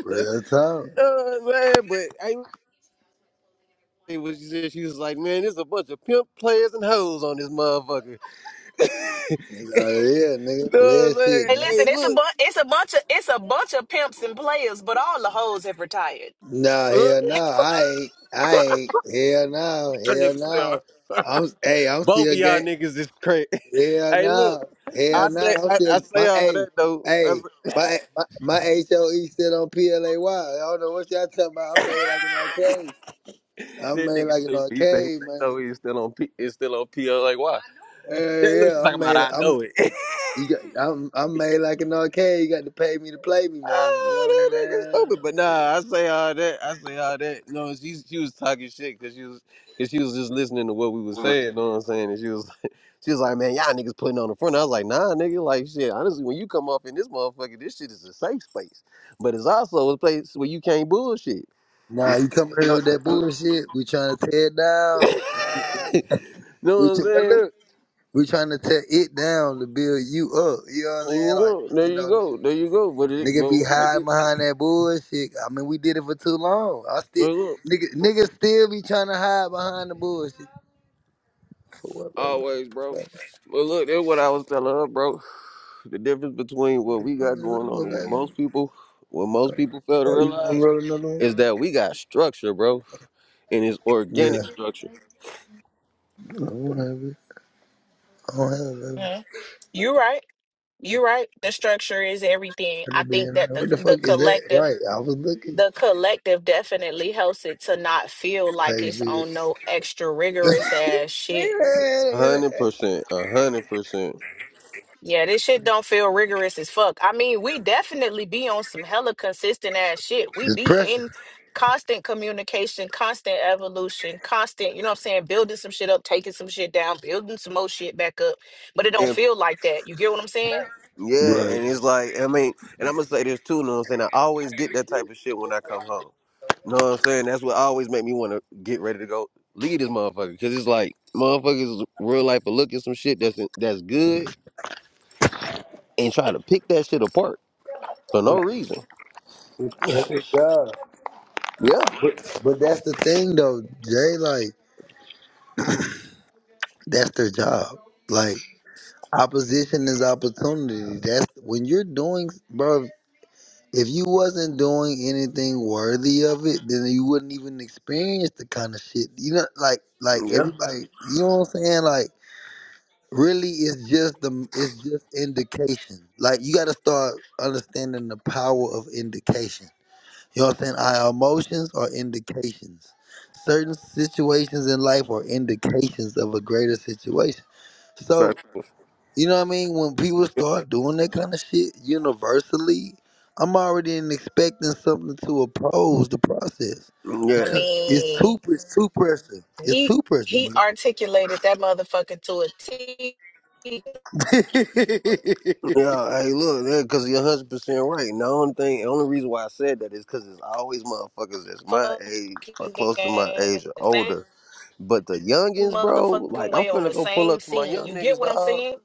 S1: Real talk.
S2: know what I'm saying? but hey, It was she said she was like, man, there's a bunch of pimp players and hoes on this motherfucker.
S1: That's
S2: you
S1: all it is, nigga.
S2: know
S1: Play
S2: what I'm
S1: that
S2: saying?
S1: shit,
S3: Hey,
S1: nigga.
S3: listen,
S2: Hey,
S3: it's a
S2: look,
S3: bu- it's a bunch of it's a bunch of pimps and players, but all the hoes have retired.
S1: Nah,
S2: look
S1: hell no. I ain't. I ain't. Hell no.
S2: that
S1: Hell
S2: nigga
S1: no.
S2: said,
S1: I'm. Hey, I'm
S2: both
S1: still
S2: of y'all
S1: gay.
S2: niggas is crazy.
S1: Hell
S2: hey, look,
S1: no.
S2: I
S1: Hell no.
S2: say
S1: I'm
S2: I, I
S1: still
S2: say
S1: my.
S2: all
S1: Hey,
S2: that though. I
S1: hey.
S2: say,
S1: My my my HOE still on PLAY. I don't know what y'all talking about. I'm made like an arcade. I'm
S2: that
S1: made
S2: nigga
S1: like an
S2: stupid. He said he
S1: arcade,
S2: think so
S1: man.
S2: he's still on P, he's still on P. O. like why?
S1: Hell
S2: That look, she's
S1: yeah. I'm
S2: talking about
S1: made.
S2: I
S1: I'm.
S2: know it.
S1: You got, I'm I'm made like an arcade. You got to pay me to play me, man. You know what
S2: Oh, that nigga stupid. But nah, I say all that. I say all that. No, she she was talking shit because she was because she was just listening to what we was
S1: I'm saying?
S2: saying. You know what I'm saying? And she was like, she was like, man, y'all niggas putting on the front. I was like, nah, nigga, like shit. Honestly, when you come off in this motherfucker, this shit is a safe space, but it's also a place where you can't bullshit. And
S1: Nah,
S2: she-
S1: you come here
S2: was like,
S1: with
S2: Uh,
S1: that bullshit. We trying to tear it down.
S2: know what
S1: We
S2: I'm
S1: tr- but
S2: saying?
S1: look. We trying to tear it down to build you up. You know what I'm
S2: There
S1: saying?
S2: you
S1: Like,
S2: go. There
S1: you
S2: you
S1: know,
S2: go. There you go. But it,
S1: nigga, nigga
S2: but
S1: be
S2: what make
S1: hiding behind that bullshit. I mean, we did it for too long. I still,
S2: it?
S1: nigga, nigga still be trying to hide behind the bullshit. For what, baby?
S2: Always, bro.
S1: Like,
S2: But look, that's what I was telling her, bro. The difference between what
S1: the
S2: we
S1: fun
S2: got
S1: is
S2: going on
S1: over,
S2: and what
S1: baby.
S2: most people, what most people fail to
S1: Oh, you gonna
S2: realize,
S1: roll another one?
S2: is that we got structure, bro, and it's
S1: Yeah.
S2: organic structure.
S1: I don't have it. I don't have it, baby.
S3: Mhm. You're right. You're right. The structure is everything.
S1: Let
S3: I
S1: it be
S3: think
S1: in
S3: that
S1: there.
S3: the
S1: What the fuck
S3: the
S1: is that?
S3: collective
S1: Right, I was looking.
S3: the collective definitely helps it to not feel like
S1: Hey,
S3: it's
S1: shit.
S3: on no extra rigorous ass shit.
S2: A hundred percent, a hundred percent.
S3: Yeah, this shit don't feel rigorous as fuck. I mean, we definitely be on some hella consistent ass shit. We
S1: it's
S3: be
S1: pressure.
S3: in constant communication, constant evolution, constant, you know what I'm saying, building some shit up, taking some shit down, building some more shit back up. but it don't
S2: And
S3: feel like that. You get what I'm saying?
S2: yeah,
S1: Right.
S2: and it's like I mean, and I'm gonna say this too. You know what I'm saying? I always get that type of shit when I come home. You know what I'm saying? That's what always make me want to get ready to go leave this motherfucker because it's like motherfuckers real life are looking some shit that's that's good and try to pick that shit apart for no reason.
S1: That's it, God.
S2: Yeah,
S1: But that's the thing though, Jay, like, that's their job. Like, opposition is opportunity. That's when you're doing, bro, if you wasn't doing anything worthy of it, then you wouldn't even experience the kind of shit. You know, like, like
S2: yeah,
S1: everybody, you know what I'm saying? Like, really, it's just the, it's just indication. Like, you got to start understanding the power of indication. You know what I'm saying? Our emotions are indications. Certain situations in life are indications of a greater situation. So,
S2: Facts.
S1: you know what I mean? When people start doing that kind of shit universally, I'm already in expecting something to oppose the process.
S3: I
S2: yeah,
S1: Because it's
S3: mean,
S1: too it's too pressure. It's
S3: he
S1: too pressure,
S3: he
S1: man.
S3: articulated that motherfucker to a T.
S2: yeah. Hey, look, that because you're 100 percent right. And the only thing, the only reason why I said that is because it's always motherfuckers that's my age or
S3: fucking game,
S2: close to my age or
S3: the same
S2: older. But the youngins, bro,
S3: motherfucking
S2: like I'm
S3: way on
S2: finna
S3: the
S2: go pull
S3: same
S2: up to my
S3: scene.
S2: young
S3: You get
S2: niggas,
S3: what I'm
S2: dog.
S3: saying?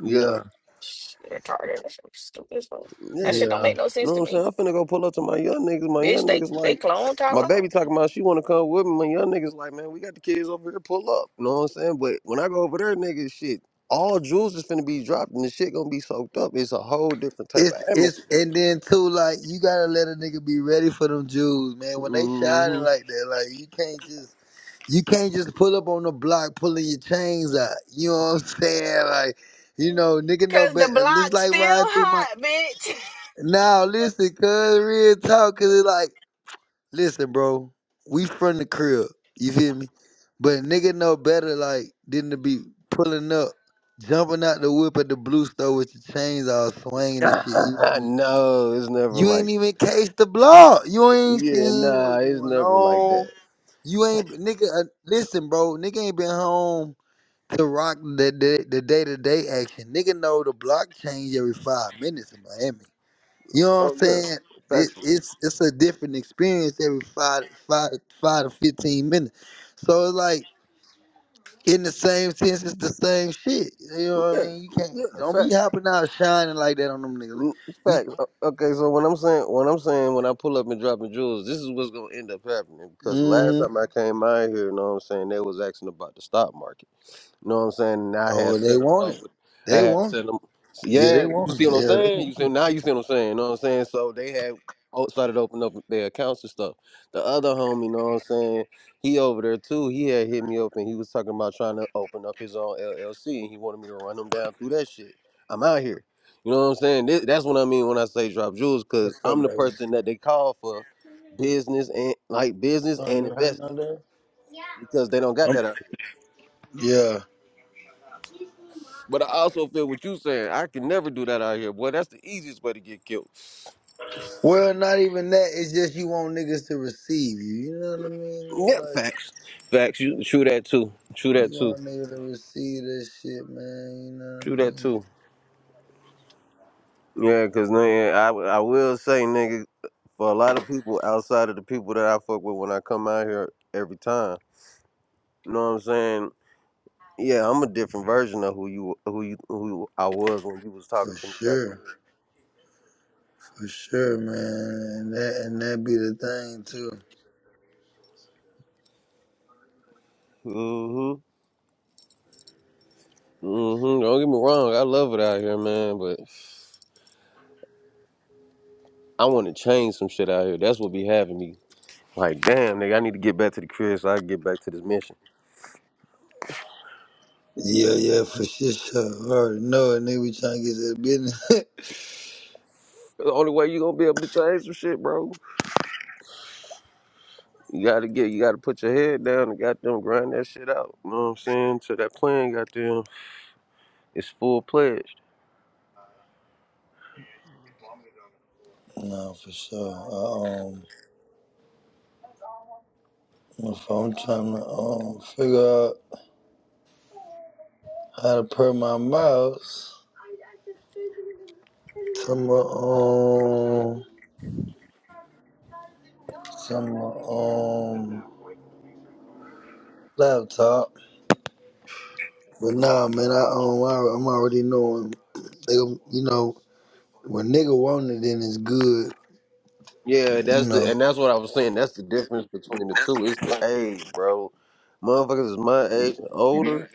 S2: Yeah.
S1: yeah,
S3: Shit, retarded. That shit was stupid as fuck. That
S2: Yeah.
S3: shit don't
S1: yeah.
S3: make no
S2: You
S3: sense
S2: know
S3: to
S2: what I'm
S3: me.
S2: saying? I'm finna go pull up to my young niggas. My
S3: Bitch,
S2: young
S3: they
S2: niggas
S3: they
S2: like,
S3: clone
S2: my baby
S3: Tyrone.
S2: talking about she wanna come with me. My young niggas like, man, we got the kids over here, pull up. You know what I'm saying? But when I go over there, niggas, shit, all jewels is finna be dropped and the shit gonna be soaked up. It's a whole different type of
S1: It's it's
S2: atmosphere.
S1: and then too like you gotta let a nigga be ready for them Jews, man. When they shining
S2: hmm
S1: like that, like you can't just you can't just pull up on the block pulling your chains out. You know what I'm saying? Like, you know, nigga know
S3: Cause the
S1: better. Just
S3: block's
S1: like
S3: still
S1: ride through my
S3: hot, bitch.
S1: now. Listen, cuz real talk, cause it's like, listen, bro, we from the crib. You feel me? But nigga know better, like than to be pulling up, jumping out the whip at the blue store with your chains all swinging and shit. You know what I mean?
S2: no, it's never
S1: You
S2: like,
S1: ain't even cased the block. You ain't
S2: yeah,
S1: seen
S2: nah,
S1: what's
S2: it's
S1: going
S2: never like that.
S1: on. You ain't nigga. Uh, listen, bro. Nigga ain't been home to rock the the the day to day action. Nigga know the block change every five minutes in Miami. You know what
S2: Oh
S1: I'm
S2: yeah,
S1: saying? It,
S2: factual.
S1: it's it's a different experience every five five five to fifteen minutes. So it's like in the same sense, it's the same shit. You know what I
S2: Yeah,
S1: mean? You can't
S2: yeah,
S1: don't be
S2: facts.
S1: hopping out shining like that on them niggas.
S2: Mm,
S1: You,
S2: Facts. O- Okay, so when I'm saying when I'm saying when I pull up and dropping jewels, this is what's gonna end up happening. Because last
S1: mm-hmm.
S2: time I came out here, you know what I'm saying, they was asking about the stock market. You know what I'm saying? And I had
S1: Oh, they
S2: set him
S1: want
S2: up
S1: it.
S2: with, I
S1: They
S2: had
S1: want it.
S2: set him.
S1: Yeah, they
S2: Yeah, you
S1: want it.
S2: see what I'm
S1: Yeah, they
S2: saying? You
S1: want it.
S2: see now? You see what I'm saying? You know what I'm saying? So they had o- started opening up their accounts and stuff. The other homie, you know what I'm saying? He over there too. He had hit me up and he was talking about trying to open up his own LLC and he wanted me to run him down through that shit. I'm out here. You know what I'm saying? This, that's what I mean when I say drop jewels, cause
S1: What's up,
S2: I'm the
S1: baby?
S2: person that they call for business and like business
S1: Son,
S2: and
S1: you hurting
S2: investing
S1: out there?
S2: because they don't got that
S1: Um,
S2: out
S1: yeah.
S2: But I also feel what you saying. I can never do that out here, boy. That's the easiest way to get killed.
S1: Well, not even that. It's just you want niggas to receive you. You know what I mean?
S2: Yeah,
S1: Like,
S2: facts. Facts. You true that too. True that
S1: you
S2: too.
S1: want niggas to receive this shit, man. You know what I
S2: True that
S1: mean?
S2: too. Yeah, cause nigga, I I will say, nigga, for a lot of people outside of the people that I fuck with when I come out here every time, you know what I'm saying? Yeah, I'm a different version of who you who you who I was when you was talking
S1: For
S2: to me back
S1: sure.
S2: then.
S1: For sure, man. And that, and that be the thing, too.
S2: Mhm. Mhm. Don't get me wrong. I love it out here, man, but I want to change some shit out here. That's what be having me Like, damn, nigga, I need to get back to the crib so I can get back to this mission.
S1: Yeah, yeah, for sure. sure. I already know it. Nigga, we trying to get to the business.
S2: That's the only way you gonna be able to change some shit, bro. You gotta get, you gotta put your head down and goddamn grind that shit out. You know what I'm saying? So that plan, goddamn, is full pledged.
S1: no, for sure. Uh, Um. If I'm trying to um, figure out how to put my mouse to my um to my um laptop. But nah, man, I um I, I'm already knowing they gon- you know when nigga want it, then it's good,
S2: Yeah,
S1: you
S2: that's the,
S1: know.
S2: and that's what I was saying. That's the difference between the two. It's the age, bro. Motherfuckers is my age and older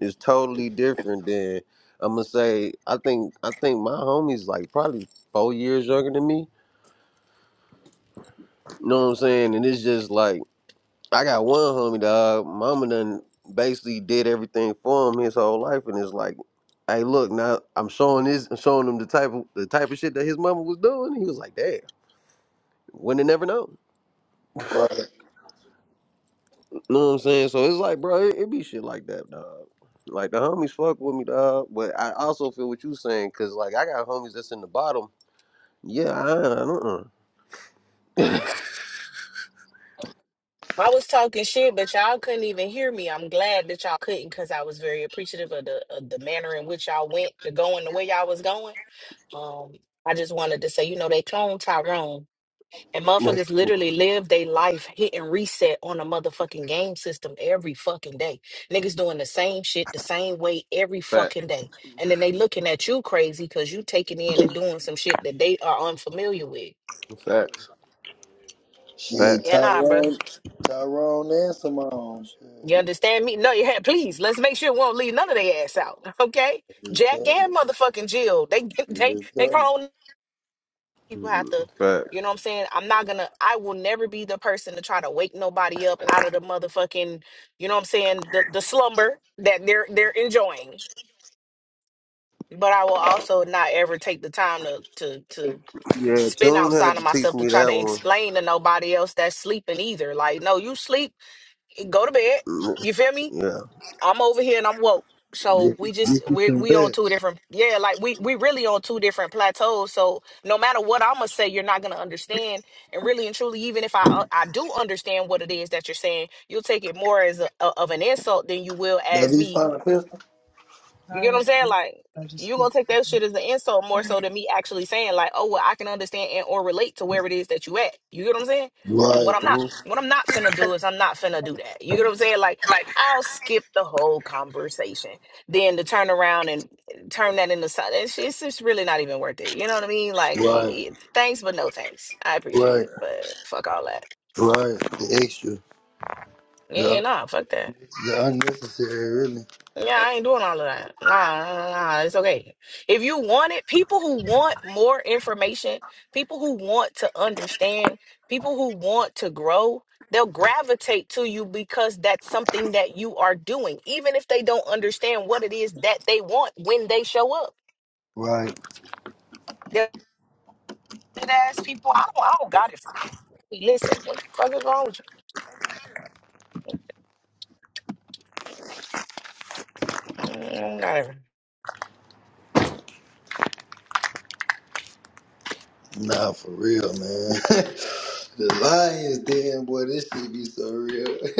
S2: is totally different than I'm gonna say. I think, I think my homie's like probably four years younger than me. You know what I'm saying? And it's just like. I got one homie dog. Mama done basically did everything for him his whole life, and it's like, hey, look, now I'm showing this, I'm showing him the type of the type of shit that his mama was doing. He was like, damn, wouldn't have never known.
S1: Right.
S2: You know what I'm saying? So it's like, bro, it, it be shit like that, dog. Like the homies fuck with me, dog. But I also feel what you saying, cause like I got homies that's in the bottom. Yeah, I, I don't.
S3: I was talking shit, but y'all couldn't even hear me. I'm glad that y'all couldn't because I was very appreciative of the of the manner in which y'all went, the going the way y'all was going. Um, I just wanted to say, you know, they cloned Tyrone and
S2: Uh.
S3: motherfuckers literally live their life hitting reset on a motherfucking game system every fucking day. Niggas doing the same shit the same way every
S2: Fact,
S3: fucking day. And then they looking at you crazy because you taking in and doing some shit that they are unfamiliar with.
S2: facts,
S1: Shit,
S2: facts,
S3: Yeah, nah, bruh.
S1: Tyrone, Tyrone, and Simone. Shit,
S3: You understand me? No, you had. Please, let's make sure we won't leave none of their ass out. Okay,
S1: just
S3: Jack
S1: tell
S3: and motherfucking Jill. They
S1: you,
S3: they
S1: just
S3: they
S1: tell you.
S3: grown people
S2: Mm,
S3: have to.
S2: facts.
S3: You know what I'm saying? I'm not gonna. I will never be the person to try to wake nobody up out of the motherfucking. You know what I'm saying? The the slumber that they're they're enjoying. But I will also not ever take the time to to to
S2: Yeah,
S3: spin
S2: Tune had
S3: outside of
S2: to teach
S3: myself to
S2: me
S3: try
S2: that
S3: to
S2: one.
S3: explain to nobody else that's sleeping either. Like, no, you sleep. Go to bed.
S2: Mm,
S3: You feel me?
S2: Yeah.
S3: I'm over here and I'm woke. So
S1: Get,
S3: we just
S1: get you
S3: we
S1: some
S3: we on two
S1: rest.
S3: different yeah, like we we really on two different plateaus. So no matter what I'm gonna say, you're not gonna understand. And really and truly, even if I uh, I do understand what it is that you're saying, you'll take it more as a, of an insult than you will
S1: That
S3: as
S1: be
S3: me.
S1: fine, pistol.
S3: You get what I'm saying? Like you gonna take that shit as an insult more so than me actually saying like, oh well, I can understand and or relate to where it is that you at. You get what I'm saying? And
S1: Right,
S3: what I'm not what I'm not finna do is I'm not finna do that. You get what I'm saying? Like I'll skip the whole conversation. Then to turn around and turn that into something, it's it's just really not even worth it. You know what I mean? Like it-
S1: right,
S3: it- thanks, but no thanks. I appreciate
S1: right.
S3: it, but fuck all that.
S1: Right, the extra,
S3: Yeah, yeah,
S1: the
S3: nah, fuck that.
S1: the unnecessary, really.
S3: Yeah, I ain't doing all of that. Nah, nah, nah, it's okay. If you want it, people who want more information, people who want to understand, people who want to grow, they'll gravitate to you because that's something that you are doing, even if they don't understand what it is that they want when they show up.
S1: Right,
S3: They're ass people. I don't, I don't got it for that. Listen, what the fuck is wrong with you? Mm, I don't got it.
S1: nah, for real, man. the lions, damn boy, this shit be so real.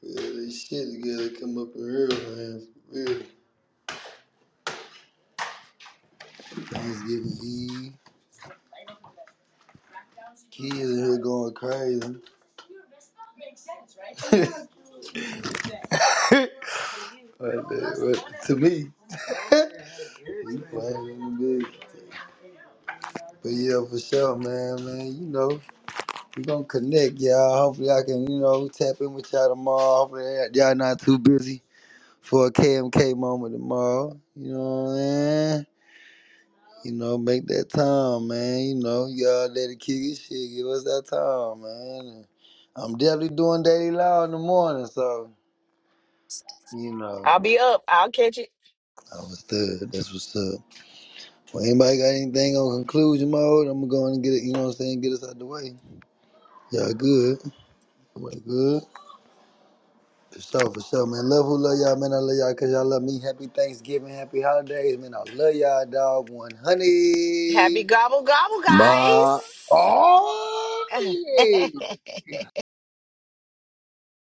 S1: yeah, this shit to come up in real, man. For real, Thanksgiving Eve, kids in here going crazy. Right there, right, to me, you playing in the big. But yeah, for sure, man, man. You know. We're gonna connect, y'all. Hopefully, I can, you know, tap in with y'all tomorrow. Hopefully, y'all not too busy for a KMK moment tomorrow. You know what I'm saying? You know, make that time, man. You know, y'all let it kick it, shit. Give us that time, man. And I'm definitely doing daily law in the morning, so you know,
S3: I'll be up. I'll catch it.
S1: I was third. That's what's up. Well, anybody got anything on conclusion mode? I'm gonna go and get it. You know what I'm saying? Get us out the way. Y'all good? Everybody good? For sure, for sure, man. Love who love y'all, man. I love y'all because y'all love me. Happy Thanksgiving, happy holidays, man. I love y'all, dog.
S3: Happy
S1: 100.
S3: gobble gobble,
S2: Ma
S1: Oh,
S3: guys.
S1: yeah.